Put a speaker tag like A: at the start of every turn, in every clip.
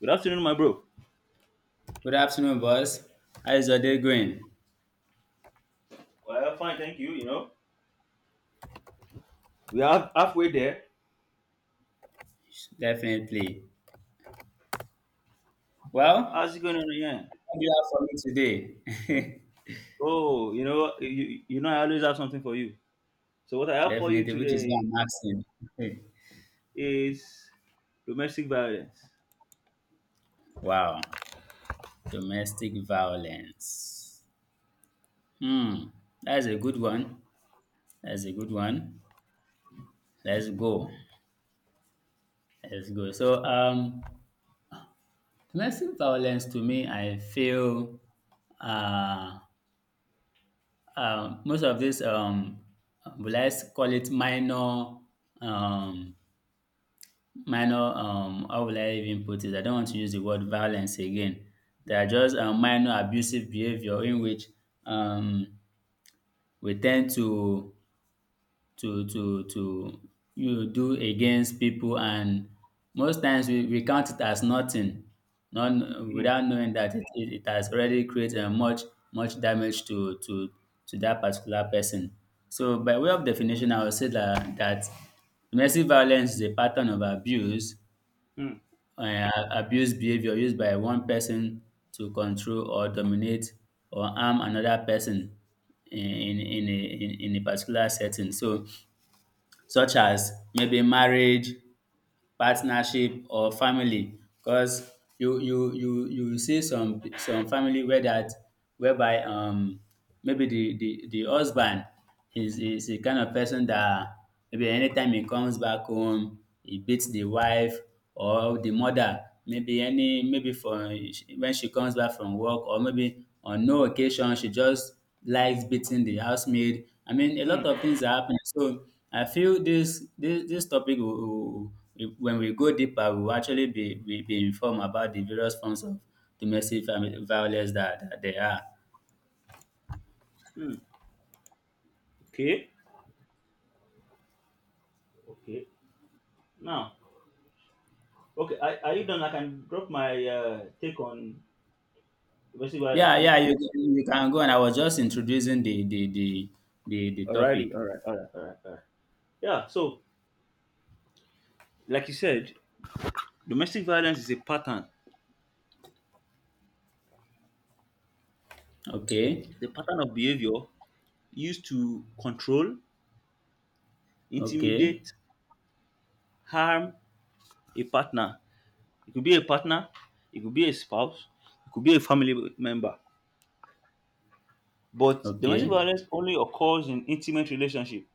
A: Good afternoon, my bro.
B: Good afternoon, boss. How is your day going?
A: Well, fine, thank you. We are halfway there.
B: Definitely. Well,
A: How's it going on again?
B: what do you have for me today?
A: Oh, I always have something for you. So, what I have for you
B: Definitely, which is why
A: today
B: I'm asking.
A: is domestic violence.
B: Wow, domestic violence. Hmm, that's a good one. That's a good one. Let's go. Let's go. So, domestic violence to me, I feel uh, most of this will I call it minor um, minor how will I even put it? I don't want to use the word violence again. They are just minor abusive behavior in which um, we tend to you do against people, and most times we count it as nothing, not
A: Hmm.
B: without knowing that it has already created much damage to that particular person. So by way of definition, I would say that domestic violence is a pattern of
A: Hmm.
B: abuse behavior used by one person to control or dominate or harm another person in a particular setting, so such as maybe marriage, partnership, or family. Because you see some family whereby maybe the husband is the kind of person that maybe anytime he comes back home, he beats the wife or the mother, maybe any maybe for when she comes back from work, or maybe on no occasion she just likes beating the housemaid. I mean, a
A: Hmm.
B: lot of things are happening. So I feel this topic when we go deeper, we will actually be informed about the various forms of domestic violence that there are.
A: Hmm. Okay. Okay. Now, okay, are you done? I can drop my take on domestic violence
B: Yeah,
A: too.
B: yeah, you can go. And I was just introducing the topic.
A: Alrighty. All right. All right. All right. All right. Yeah. So, like you said, domestic violence is a pattern.
B: Okay,
A: The pattern of behavior used to control,
B: okay,
A: intimidate, harm a partner. It could be a partner, it could be a spouse, it could be a family member. But domestic
B: okay,
A: violence only occurs in intimate relationship.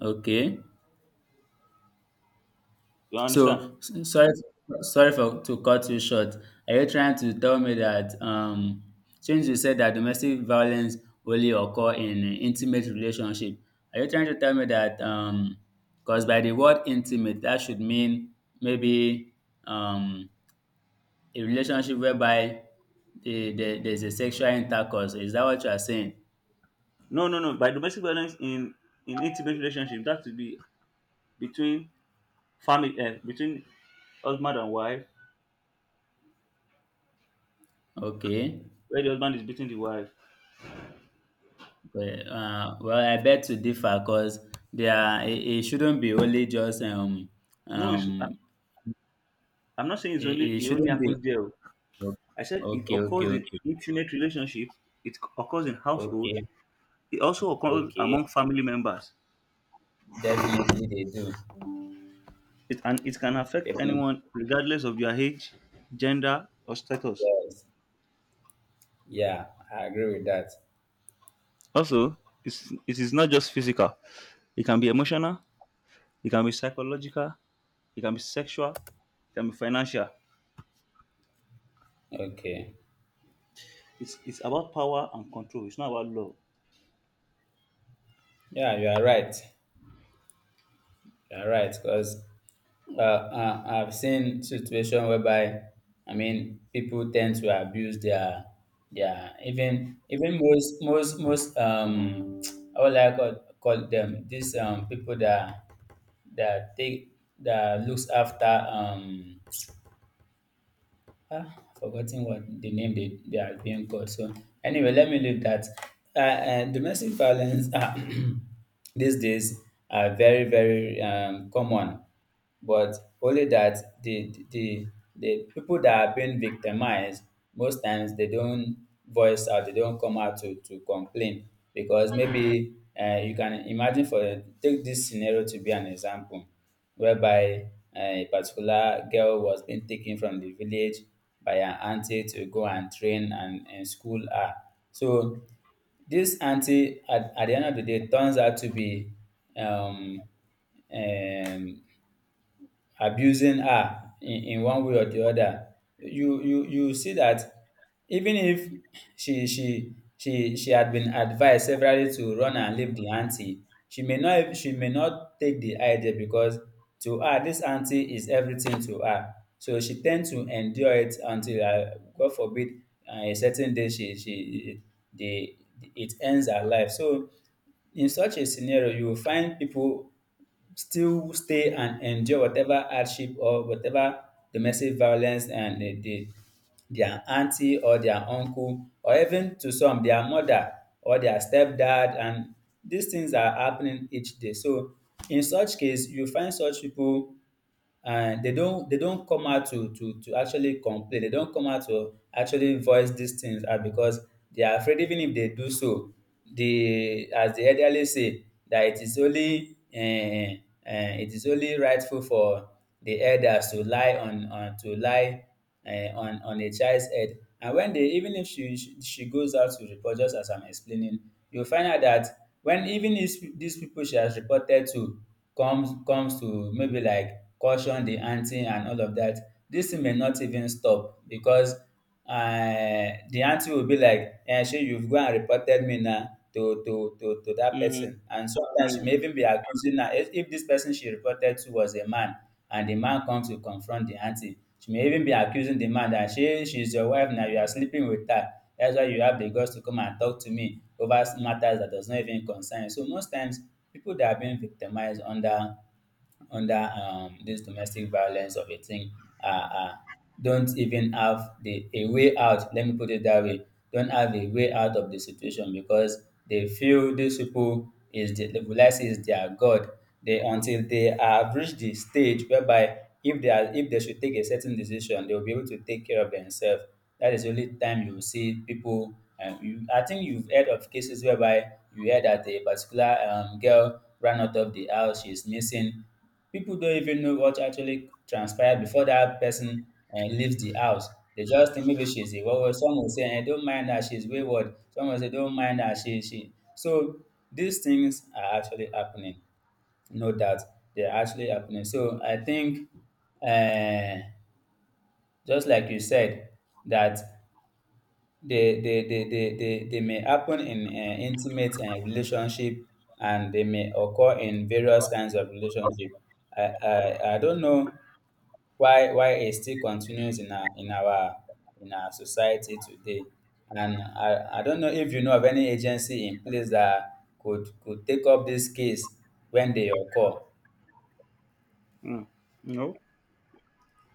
B: okay.
A: You understand?
B: So sorry for to cut you short. Are you trying to tell me that, since you said that domestic violence only occur in intimate relationship, are you trying to tell me that, because by the word intimate, that should mean maybe um, a relationship whereby there's a sexual intercourse? Is that what you are saying?
A: No, no, no. By domestic violence in intimate relationship, that would be between family, between husband and wife,
B: Okay.
A: where the husband is beating the wife.
B: Well, well, I bet to differ, because it shouldn't be only just
A: No,
B: um
A: I'm not saying it's
B: it,
A: only
B: it
A: it only
B: shouldn't be.
A: happens there. Oh. I said it
B: Okay, okay,
A: occurs in
B: okay,
A: intimate relationship. It occurs in household.
B: okay,
A: It also occurs
B: okay.
A: among family members.
B: Definitely they do.
A: And it can affect
B: Definitely.
A: anyone regardless of their age, gender, or status.
B: Yes, yeah, I agree with that.
A: Also, it is not just physical, it can be emotional, it can be psychological, it can be sexual, it can be financial.
B: Okay,
A: It's about power and control, it's not about love.
B: yeah, you are right. You're right, because I've seen situation whereby, I mean, people tend to abuse their even most how would I call them, these people that take that looks after. Ah, forgotten what the name they are being called. So anyway, let me leave that. Domestic violence, these days, are very common. But only that the people that are being victimized, most times they don't voice out. They don't come out to complain, because maybe you can imagine, for take this scenario to be an example, whereby a particular girl was being taken from the village by her auntie to go and train and school her. So this auntie, at the end of the day, turns out to be um, um, abusing her in one way or the other. You see that, even if she had been advised severally to run and leave the auntie, she may not take the idea, because to her, this auntie is everything to her. So she tend to endure it until, God forbid, a certain day she the it ends her life. So in such a scenario, you will find people still stay and endure whatever hardship or whatever domestic violence, and their auntie or their uncle, or even to some, their mother or their stepdad, and these things are happening each day. So in such case, you find such people, and they don't come out to actually complain. They don't come out to actually voice these things, because they are afraid. Even if they do so, the as the elderly say that it is only rightful for the elders to lie on to lie uh, on a child's head. And when they, even if she goes out to report, just as I'm explaining, you will find out that, when even if these people she has reported to comes to maybe like caution the auntie and all of that, this thing may not even stop, because the auntie will be like, eh, she you've gone and reported me now to that
A: Mm,
B: person. And sometimes she
A: mm,
B: may even be accusing her. If this person she reported to was a man, and the man comes to confront the aunty, she may even be accusing the man that she's your wife now, you are sleeping with her. That's why you have the guts to come and talk to me over matters that does not even concern you. So most times, people that are being victimized under this domestic violence of a thing, are don't even have the a way out. Let me put it that way. Don't have a way out of the situation, because they feel these people is the will I say is their God. They until they have reached the stage whereby, if they are if they should take a certain decision, they will be able to take care of themselves. That is the only time you will see people. I think you've heard of cases whereby you heard that a particular girl ran out of the house. She's missing. People don't even know what actually transpired before that person leaves the house. They just think maybe she's a wayward. Some will say, don't mind her, she's wayward. Some will say, don't mind her, she. So these things are actually happening. No doubt, they're actually happening. So I think, uh, just like you said, that they may happen in intimate relationship, and they may occur in various kinds of relationship. I don't know why it still continues in our society today. And I don't know if you know of any agency in place that could take up this case when they occur.
A: mm. You know,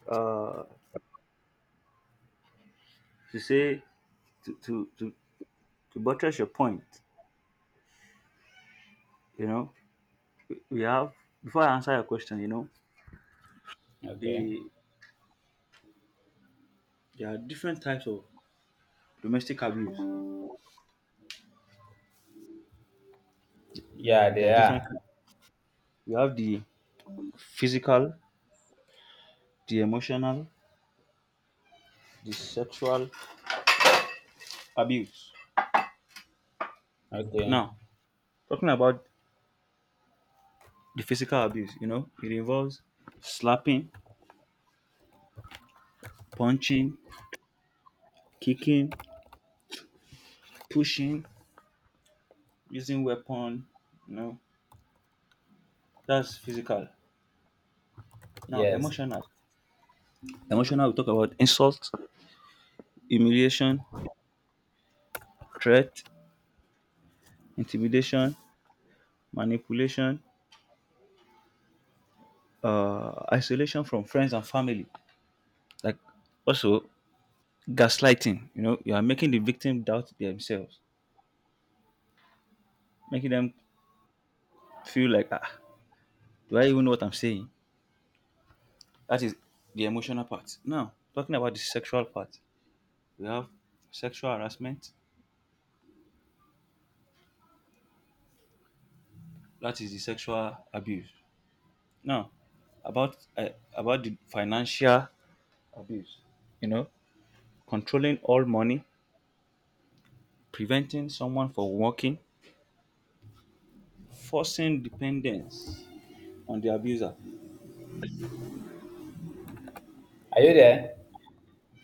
A: uh, to say, to, to, to, to buttress your point, you know, we have, before I answer your question,
B: Okay.
A: the, there are different types of domestic abuse.
B: Yeah,
A: There
B: they
A: are different
B: are.
A: kinds. You have the physical, the emotional, the sexual abuse.
B: Okay.
A: Now, talking about the physical abuse, it involves slapping, punching, kicking, pushing, using weapon, you know, that's physical. Now,
B: Yes.
A: emotional. Emotional, we talk about insult, humiliation, threat, intimidation, manipulation, isolation from friends and family. Like also gaslighting, you are making the victim doubt themselves, making them feel like, ah, do I even know what I'm saying? That is the emotional part. Now, talking about the sexual part, we have sexual harassment. That is the sexual abuse. Now, about uh, about the financial abuse. You know, controlling all money, preventing someone from working, forcing dependence on the abuser.
B: Are you there?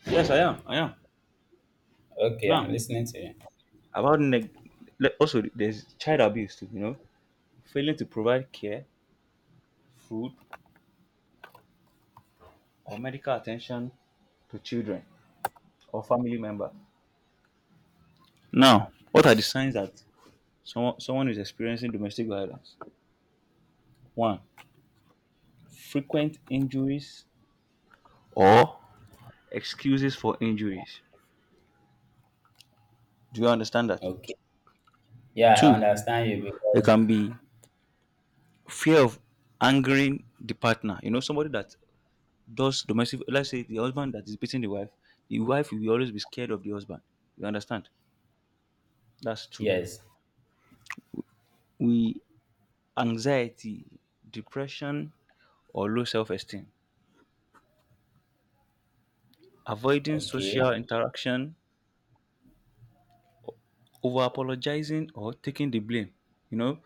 A: Yes, I am. I am.
B: Okay, I'm
A: Now,
B: listening to you.
A: about neg- also there's child abuse too. You know, failing to provide care, food, or medical attention to children or family members. Now, what are the signs that someone is experiencing domestic violence? One, frequent injuries or excuses for injuries. Do you understand that?
B: Okay. Yeah, I
A: Two,
B: understand you,
A: there
B: because
A: can be fear of angering the partner. You know, somebody that does domestic, let's say the husband that is beating the wife will always be scared of the husband. You understand? That's two.
B: yes.
A: We anxiety, depression, or low self esteem. Avoiding
B: Okay.
A: social interaction, over apologizing or taking the blame. You know,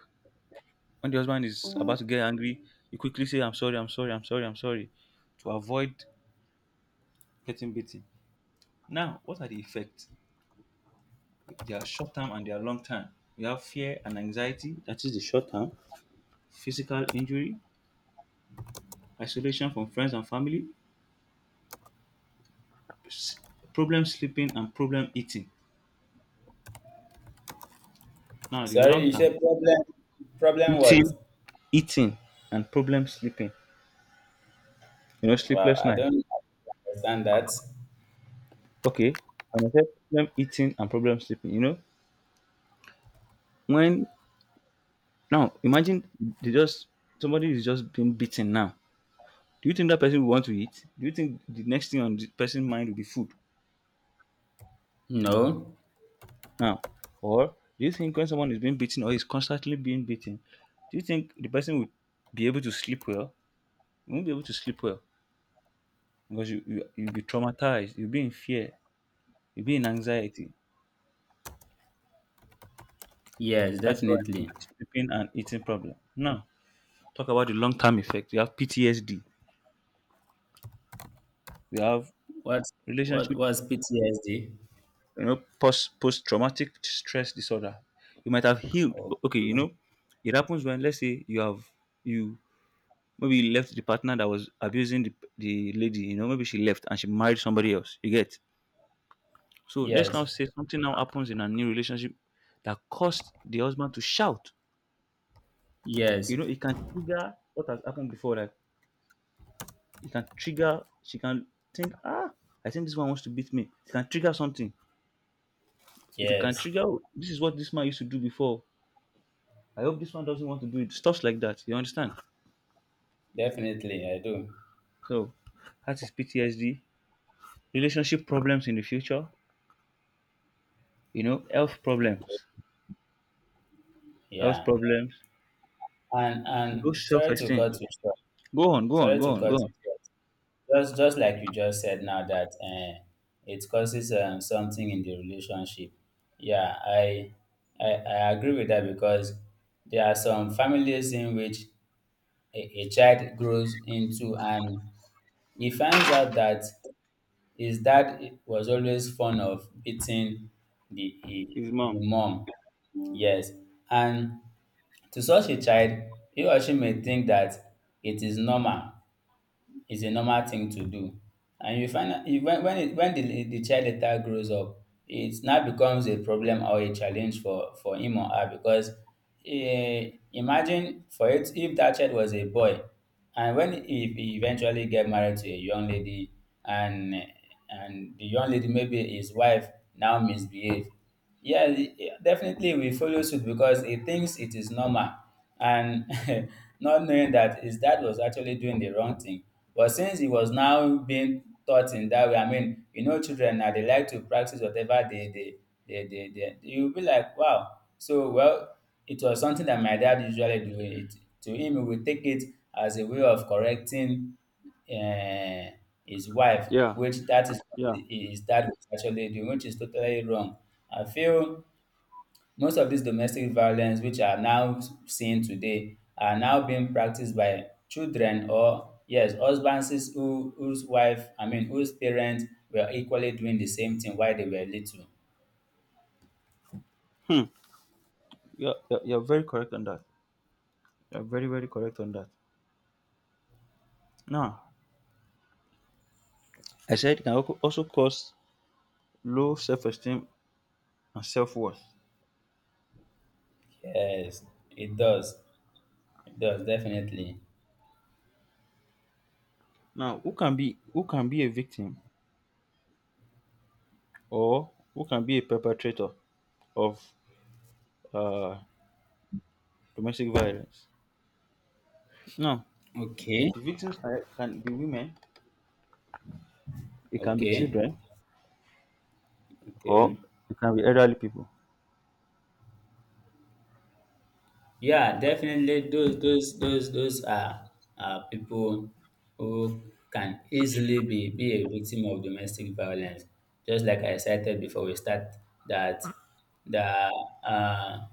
A: when the husband is about to get angry, you quickly say, I'm sorry, I'm sorry, I'm sorry, I'm sorry, to avoid getting beaten. Now, what are the effects? They are short term and they are long term. We have fear and anxiety, that is the short term, physical injury, isolation from friends and family, s- problem sleeping and problem eating. Now, the
B: Sorry,
A: long
B: you
A: term,
B: said problem what?
A: eating, eating, and problem sleeping. You know,
B: Wow,
A: sleepless
B: I
A: night.
B: don't understand that.
A: Okay, and I said problem eating and problem sleeping. You know, when now imagine they just Somebody is just being beaten now. Do you think that person will want to eat? Do you think the next thing on the person's mind will be food
B: No.
A: now? Or do you think when someone is being beaten or is constantly being beaten, do you think the person will be able to sleep well? You won't be able to sleep well because you'll be traumatized, you'll be in fear, you'll be in anxiety.
B: Yes,
A: That's what I mean
B: definitely.
A: by sleeping and eating problem. Now, talk about the long term effect. You have PTSD. You have
B: What what
A: relationship,
B: was PTSD?
A: post traumatic stress disorder. You might have healed.
B: Okay.
A: Okay, it happens when let's say you have you maybe you left the partner that was abusing the lady. Maybe she left and she married somebody else, you get. So let's now
B: Yes.
A: say something now happens in a new relationship that caused the husband to shout. you
B: Yes.
A: know it can trigger what has happened before, like it can trigger. She can think, ah, I think this one wants to beat me. It can trigger something. It can
B: Yes.
A: trigger, "Oh, this is what this man used to do before. I hope this one doesn't want to do it." Stuff like that. You understand?
B: Definitely I do.
A: So that is PTSD. Relationship problems in the future. You know, health
B: Okay.
A: problems. Health
B: Yeah.
A: problems.
B: And
A: Low
B: and
A: self
B: sorry to
A: esteem.
B: cut you short.
A: Go on, go on,
B: Sorry
A: go
B: to
A: on,
B: cut
A: go
B: you
A: on.
B: short. Just like you just said now, that it causes something in the relationship. Yeah, I agree with that, because there are some families in which a child grows into, and he finds out that his dad was always fond of beating the, eh,
A: His
B: the
A: mom.
B: mom. Yes. And to such a child, he or she may think that it is normal, is a normal thing to do. And you find out when the child later grows up, it now becomes a problem or a challenge for him or her, because imagine for it, if that child was a boy, and when he eventually get married to a young lady, and and the young lady, maybe his wife, now misbehave, yeah, yeah, definitely we follow suit, because he thinks it is normal, and not knowing that his dad was actually doing the wrong thing. But since he was now being taught in that way, I mean, children now, they like to practice whatever they you'll be like, wow. So well, it was something that my dad usually do. To him, he would take it as a way of correcting uh, his wife,
A: Yeah,
B: which that is what
A: yeah.
B: his dad was actually doing, which is totally wrong. I feel most of these domestic violence, which are now seen today, are now being practiced by children, or yes, husbands I mean, whose parents were equally doing the same thing while they were little.
A: Hmm. You're very correct on that. You're very, very correct on that. Now, I said it can also cause low self esteem and self worth.
B: Yes, it does. It does, definitely.
A: Now, who can be a victim or who can be a perpetrator of uh, domestic violence? No,
B: Okay.
A: the victims can be women, it can be
B: Okay,
A: children, or
B: okay.
A: it can be elderly people.
B: Yeah, definitely those are people who can easily be a victim of domestic violence. Just like I cited before we start that the uh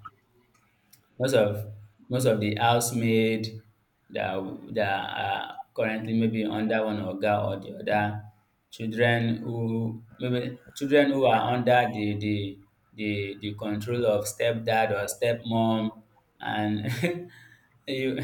B: Most of most of the housemaid that that are currently maybe under one oga or the other, children who are under the control of stepdad or stepmom and you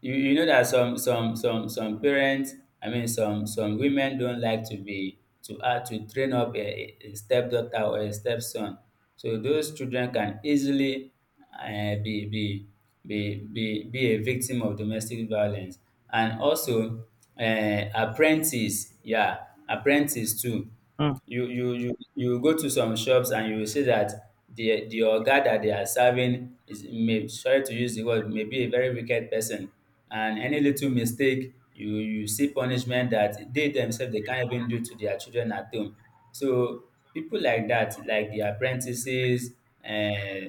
B: you know that some parents, I mean, some women don't like to be to train up a stepdaughter or a stepson, so those children can easily uh, be, be be a victim of domestic violence. And also, apprentice, yeah, apprentice too.
A: Mm,
B: You go to some shops and you will see that the oga that they are serving is, may, sorry to use the word, may be a very wicked person, and any little mistake, you see punishment that they themselves they can't even do to their children at home. So people like that, like the apprentices, um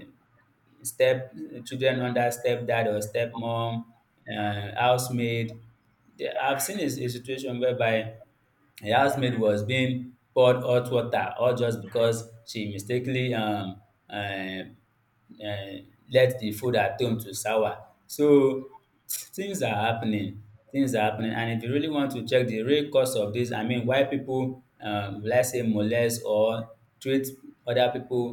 B: step children under stepdad or stepmom, housemaid. I've seen a situation whereby her housemaid was being poured hot water all just because she mistakenly um let the food at home to sour. So things are happening, things are happening, and if you really want to check the real cause of this, I mean why people, will I say molest or treat other people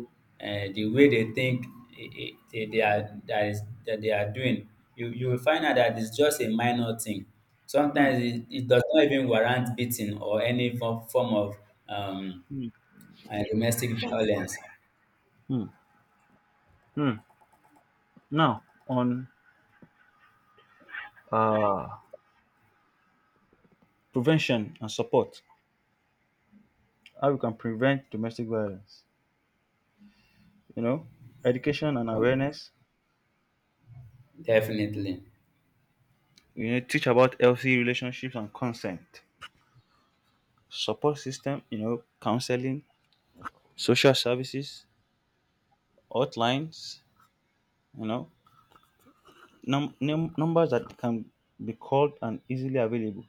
B: the way they think they are dat that they are doing, you will find out that it's just a minor thing.
A: mm,
B: Sometimes it it does not even warrant beating or any form of um
A: mm,
B: domestic violence.
A: mm, mm. Now, on uh, prevention and support, how we can prevent domestic violence, you know, education and awareness,
B: Definitely.
A: teach about healthy relationships and consent, support system, counseling, social services, hotlines, you know, numbers that can be called and easily available.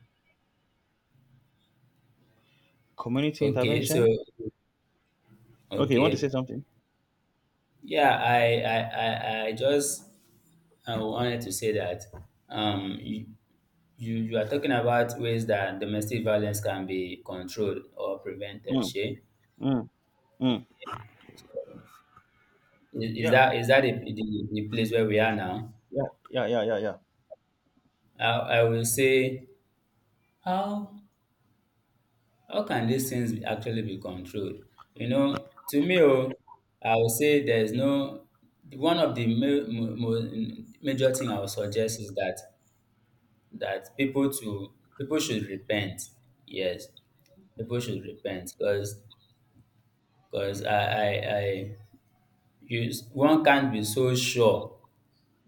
A: Community
B: Okay, so
A: intervention. Okay, you want to say
B: okay,
A: something?
B: yeah, I just, I wanted to say that you, you are talking about ways that domestic violence can be controlled or prevented,
A: Mm,
B: Shay.
A: mm, mm.
B: Okay. Is
A: Yeah,
B: that, is that the place where we are now?
A: yeah, yeah, yeah, yeah, yeah.
B: I will say how. How can these things actually be controlled? You know, to me, oh, I would say there's no, one of the major thing I would suggest is that that people to people should repent. Yes, people should repent, because I you, one can't be so sure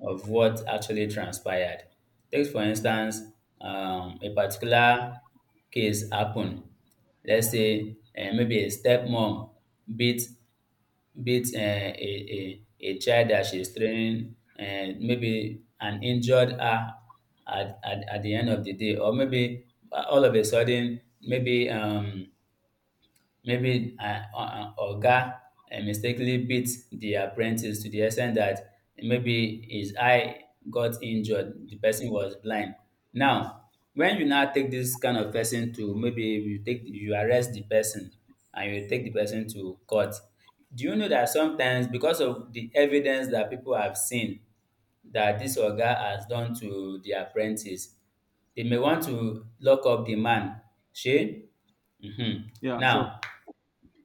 B: of what actually transpired. Take, for instance, a particular case happened. Let's say maybe a stepmom beat beat a child that she's training, and maybe, and injured her at the end of the day. Or maybe all of a sudden, maybe maybe an oga mistakenly beat the apprentice to the extent that maybe his eye got injured, the person was blind. Now, when you now take this kind of person to, maybe you take, you arrest the person and you take the person to court, do you know that sometimes because of the evidence that people have seen that this oga has done to the apprentice, they may want to lock up the man. Shey? Mhm.
A: Yeah, sure.
B: Now,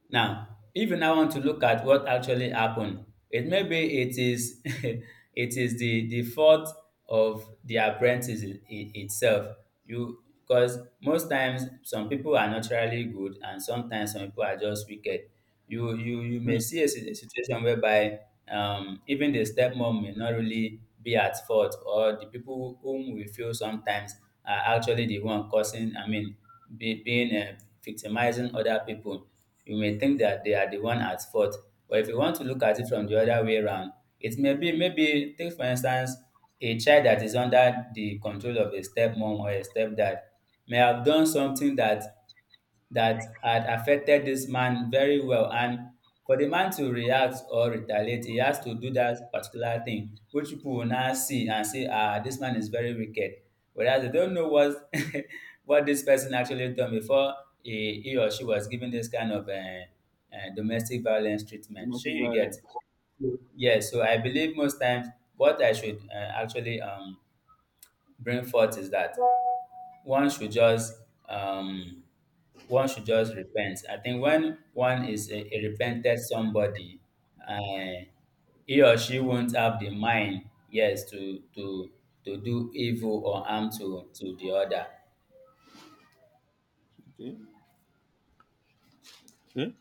B: now, if you now want to look at what actually happened, it maybe, it is it is the fault of the apprentice itself. You, because most times some people are naturally good, and sometimes some people are just wicked. You may
A: Mm.
B: see a situation whereby even the stepmom may not really be at fault, or the people whom we feel sometimes are actually the one causing. I mean, being victimizing other people, you may think that they are the one at fault. But if you want to look at it from the other way around, it may be, maybe take for instance a child that is under the control of a stepmom or a stepdad may have done something that had affected this man very well. And for the man to react or retaliate, he has to do that particular thing, which people will now see and say, ah, this man is very wicked. Whereas they don't know what what this person actually done before he or she was given this kind of domestic violence treatment. Sure,
A: Domestic
B: you get.
A: violence.
B: Yeah, so I believe most times what I should actually bring forth is that one should just um, one should just repent. I think when one is a repented somebody, uh, he or she won't have the mind, yes, to do evil or harm to the other.
A: Okay. Okay.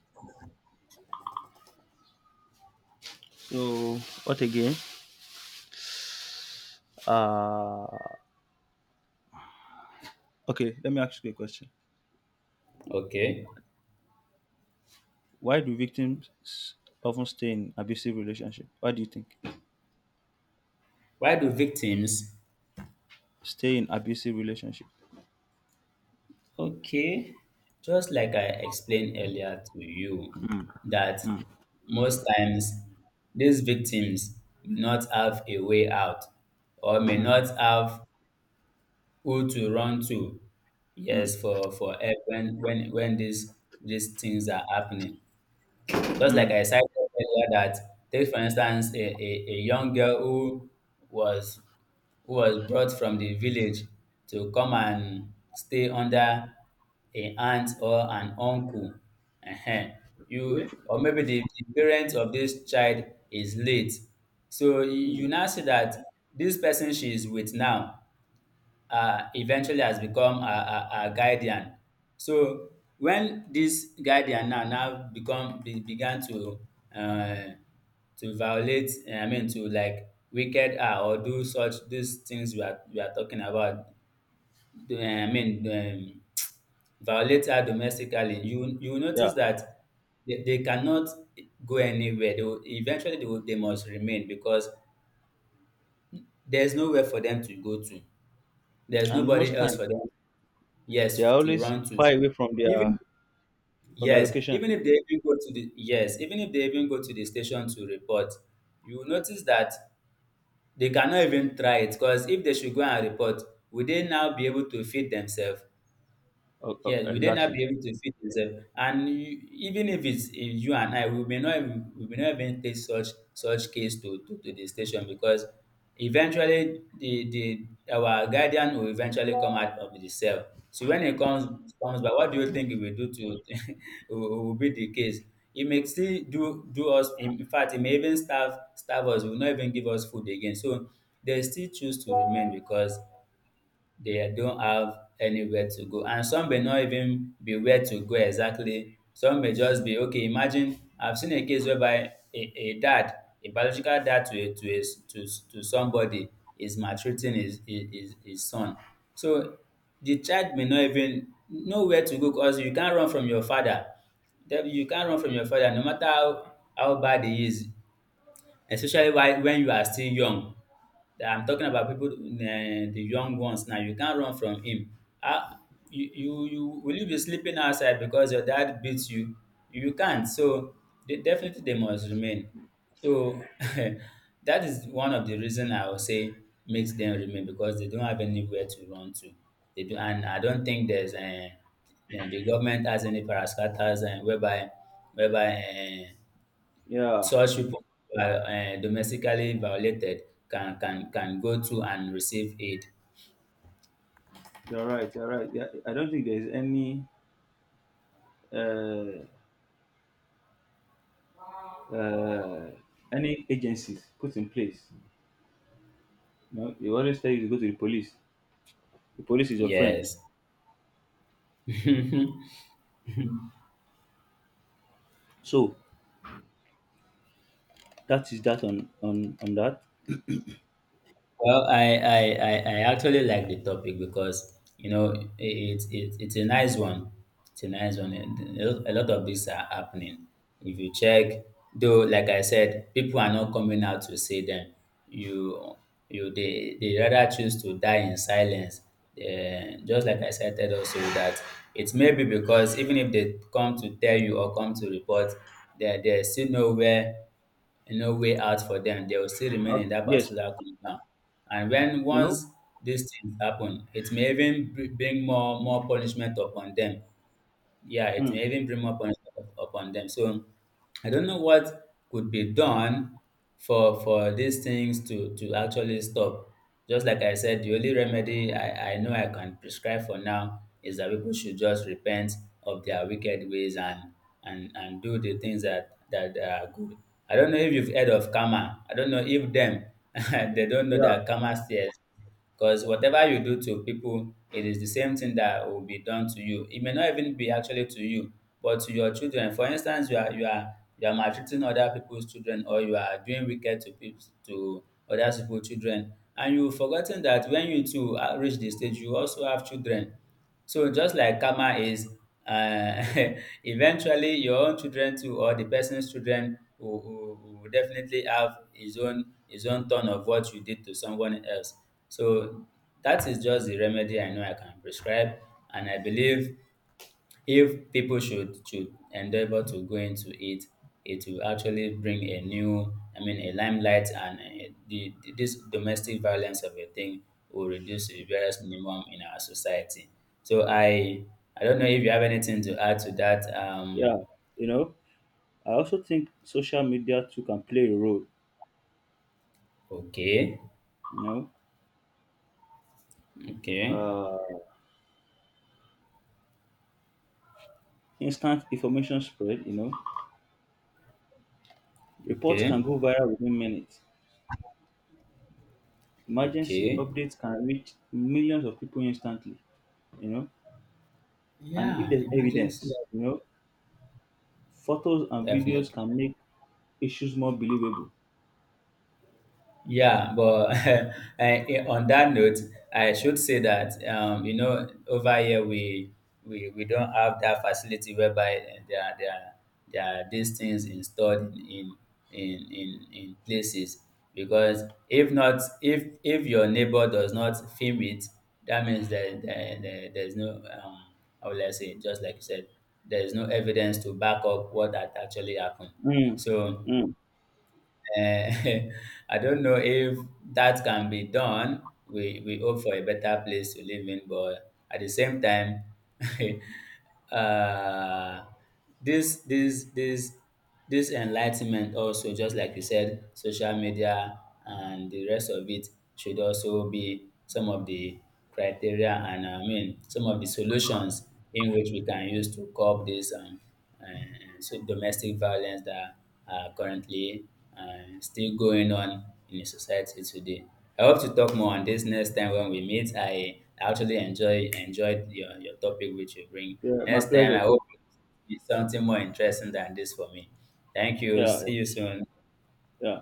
A: So what again? Uh okay, let me ask you a question.
B: Okay.
A: Why do victims often stay in abusive relationship? Why do you think?
B: Why do victims?
A: Stay in abusive relationship.
B: Okay. Just like I explained earlier to you, that most times these victims do not have a way out, or may
A: Mm,
B: not have who to run to.
A: mm,
B: Yes, for help when these things are happening. Just like
A: mm.
B: I cited earlier that take for instance a young girl who was, who was brought from the village to come and stay under a aunt or an uncle. Ehen.
A: Okay.
B: You, or maybe the parent of this child is late. So you
A: Mm.
B: you now see that this person she is with now eventually has become a guardian. So when this guardian now, now become, began uh, to violate, eh, I mean to like wicked her or do such these things we are, we are talking about. I mean, violate her domestically. You will
A: Yeah.
B: notice that they cannot go anywhere. They will, eventually they will, they must remain because there's nowhere for them to go to. There's
A: And
B: nobody
A: most
B: else
A: time
B: for them.
A: they
B: Yes,
A: are
B: to
A: always
B: run to
A: far
B: school.
A: away from
B: Even,
A: their
B: yes,
A: location.
B: even if they even go to the, yes, even if they even go to the station to report, you will notice that they cannot even try it, because if they should go and report, will they now be able to feed themselves?
A: Oh, oh,
B: Yeah, will they not
A: exactly.
B: be able to feed themselves? And you, even if it's in you and I, we may not even, we may not even take such, such case to the station because eventually the, our guardian will eventually come out of the cell. So when it comes back, what do you think it will do to it will be the case? It may still do us, in fact it may even starve us, it will not even give us food again. So they still choose to remain because they don't have anywhere to go. And some may not even be where to go exactly. Some may just be okay. Imagine, I've seen a case whereby a dad, a biological dad to to somebody is maltreating his, his son. So the child may not even know where to go because you can't run from your father. Then you can't run from your father no matter how bad he is, especially while, when you are still young. I'm talking about people, eh, the young ones now. You can't run from him. Ah, you will, you be sleeping outside because your dad beats you? You can't. So definitely they must remain. So that is one of the reason I would say makes them remain, because they don't have anywhere to run to. They do, and I don't think there's the government has any parascatals and whereby, whereby. Uh,
A: Yeah.
B: Such people who are domestically violated can go to and receive aid.
A: You're right. You're right. Yeah, I don't think there's uh, uh, any agencies put in place. You know, they always tell you to go to the police. The police is your friend.
B: Yes.
A: So that is that on that.
B: Well, I actually like the topic because you know it, it it's a nice one. It's a nice one, and a lot a lot of these are happening. If you check, though, like I said, people are not coming out to say them. You you they rather choose to die in silence. Eh, just like I said also that it's maybe because even if they come to tell you or come to report, there's still nowhere, no way out for them. They will still remain in that
A: Yes,
B: particular compound. And when,
A: you know.
B: once these things happen, it may even bring more punishment upon them. Yeah, it
A: Hmm.
B: may even bring more punishment upon them. So I don't know what could be done for these things to actually stop. Just like I said, the only remedy I know I can prescribe for now is that people should just repent of their wicked ways and, and do the things that are good. I don't know if you've heard of karma. I don't know if them they don't know
A: Yeah,
B: that karma says. Because whatever you do to people, it is the same thing that will be done to you. It may not even be actually to you, but to your children. For instance, you are maltreating other people's children, or you are doing wicked to other people's children, and you forgotten that when you too reach the stage, you also have children. So just like karma is, uh, eventually your own children too or the person's children will definitely have his own, his own turn of what you did to someone else. So that is just the remedy I know I can prescribe, and I believe if people should endeavor to go into it, it will actually bring a new, I mean, a limelight, and the, this domestic violence of a thing will reduce to the barest minimum in our society. So I don't know if you have anything to add to that.
A: yeah. You know, I also think social media too can play a role.
B: Okay,
A: You
B: okay,
A: know, instant information spread. You know, reports can
B: okay,
A: go viral within minutes. Emergency
B: okay.
A: updates can reach millions of people instantly. You know And if
B: Yeah,
A: there's
B: emergency,
A: evidence, photos and videos
B: definitely.
A: can make issues more believable.
B: Yeah, but I, eh, on that note, I should say that you know, over here we, we don't have that facility whereby eh, there are these things installed in, in places, because if not, if if your neighbor does not film it, that means that there's no um, how will I say, just like you said, there is no evidence to back up what had actually happened.
A: Mm,
B: So,
A: mm.
B: eh, I don't know if that can be done. We hope for a better place to live in, but at the same time, uh, this this this this enlightenment also, just like you said, social media and the rest of it should also be some of the criteria, and I mean some of the solutions in which we can use to curb this domestic violence that are currently still going on in the society today. I hope to talk more on this next time when we meet. I actually enjoyed your topic which you bring.
A: Yeah, my
B: Next time
A: pleasure
B: I hope
A: too.
B: it's something more interesting than this for me. Thank you.
A: Yeah,
B: See you soon.
A: yeah.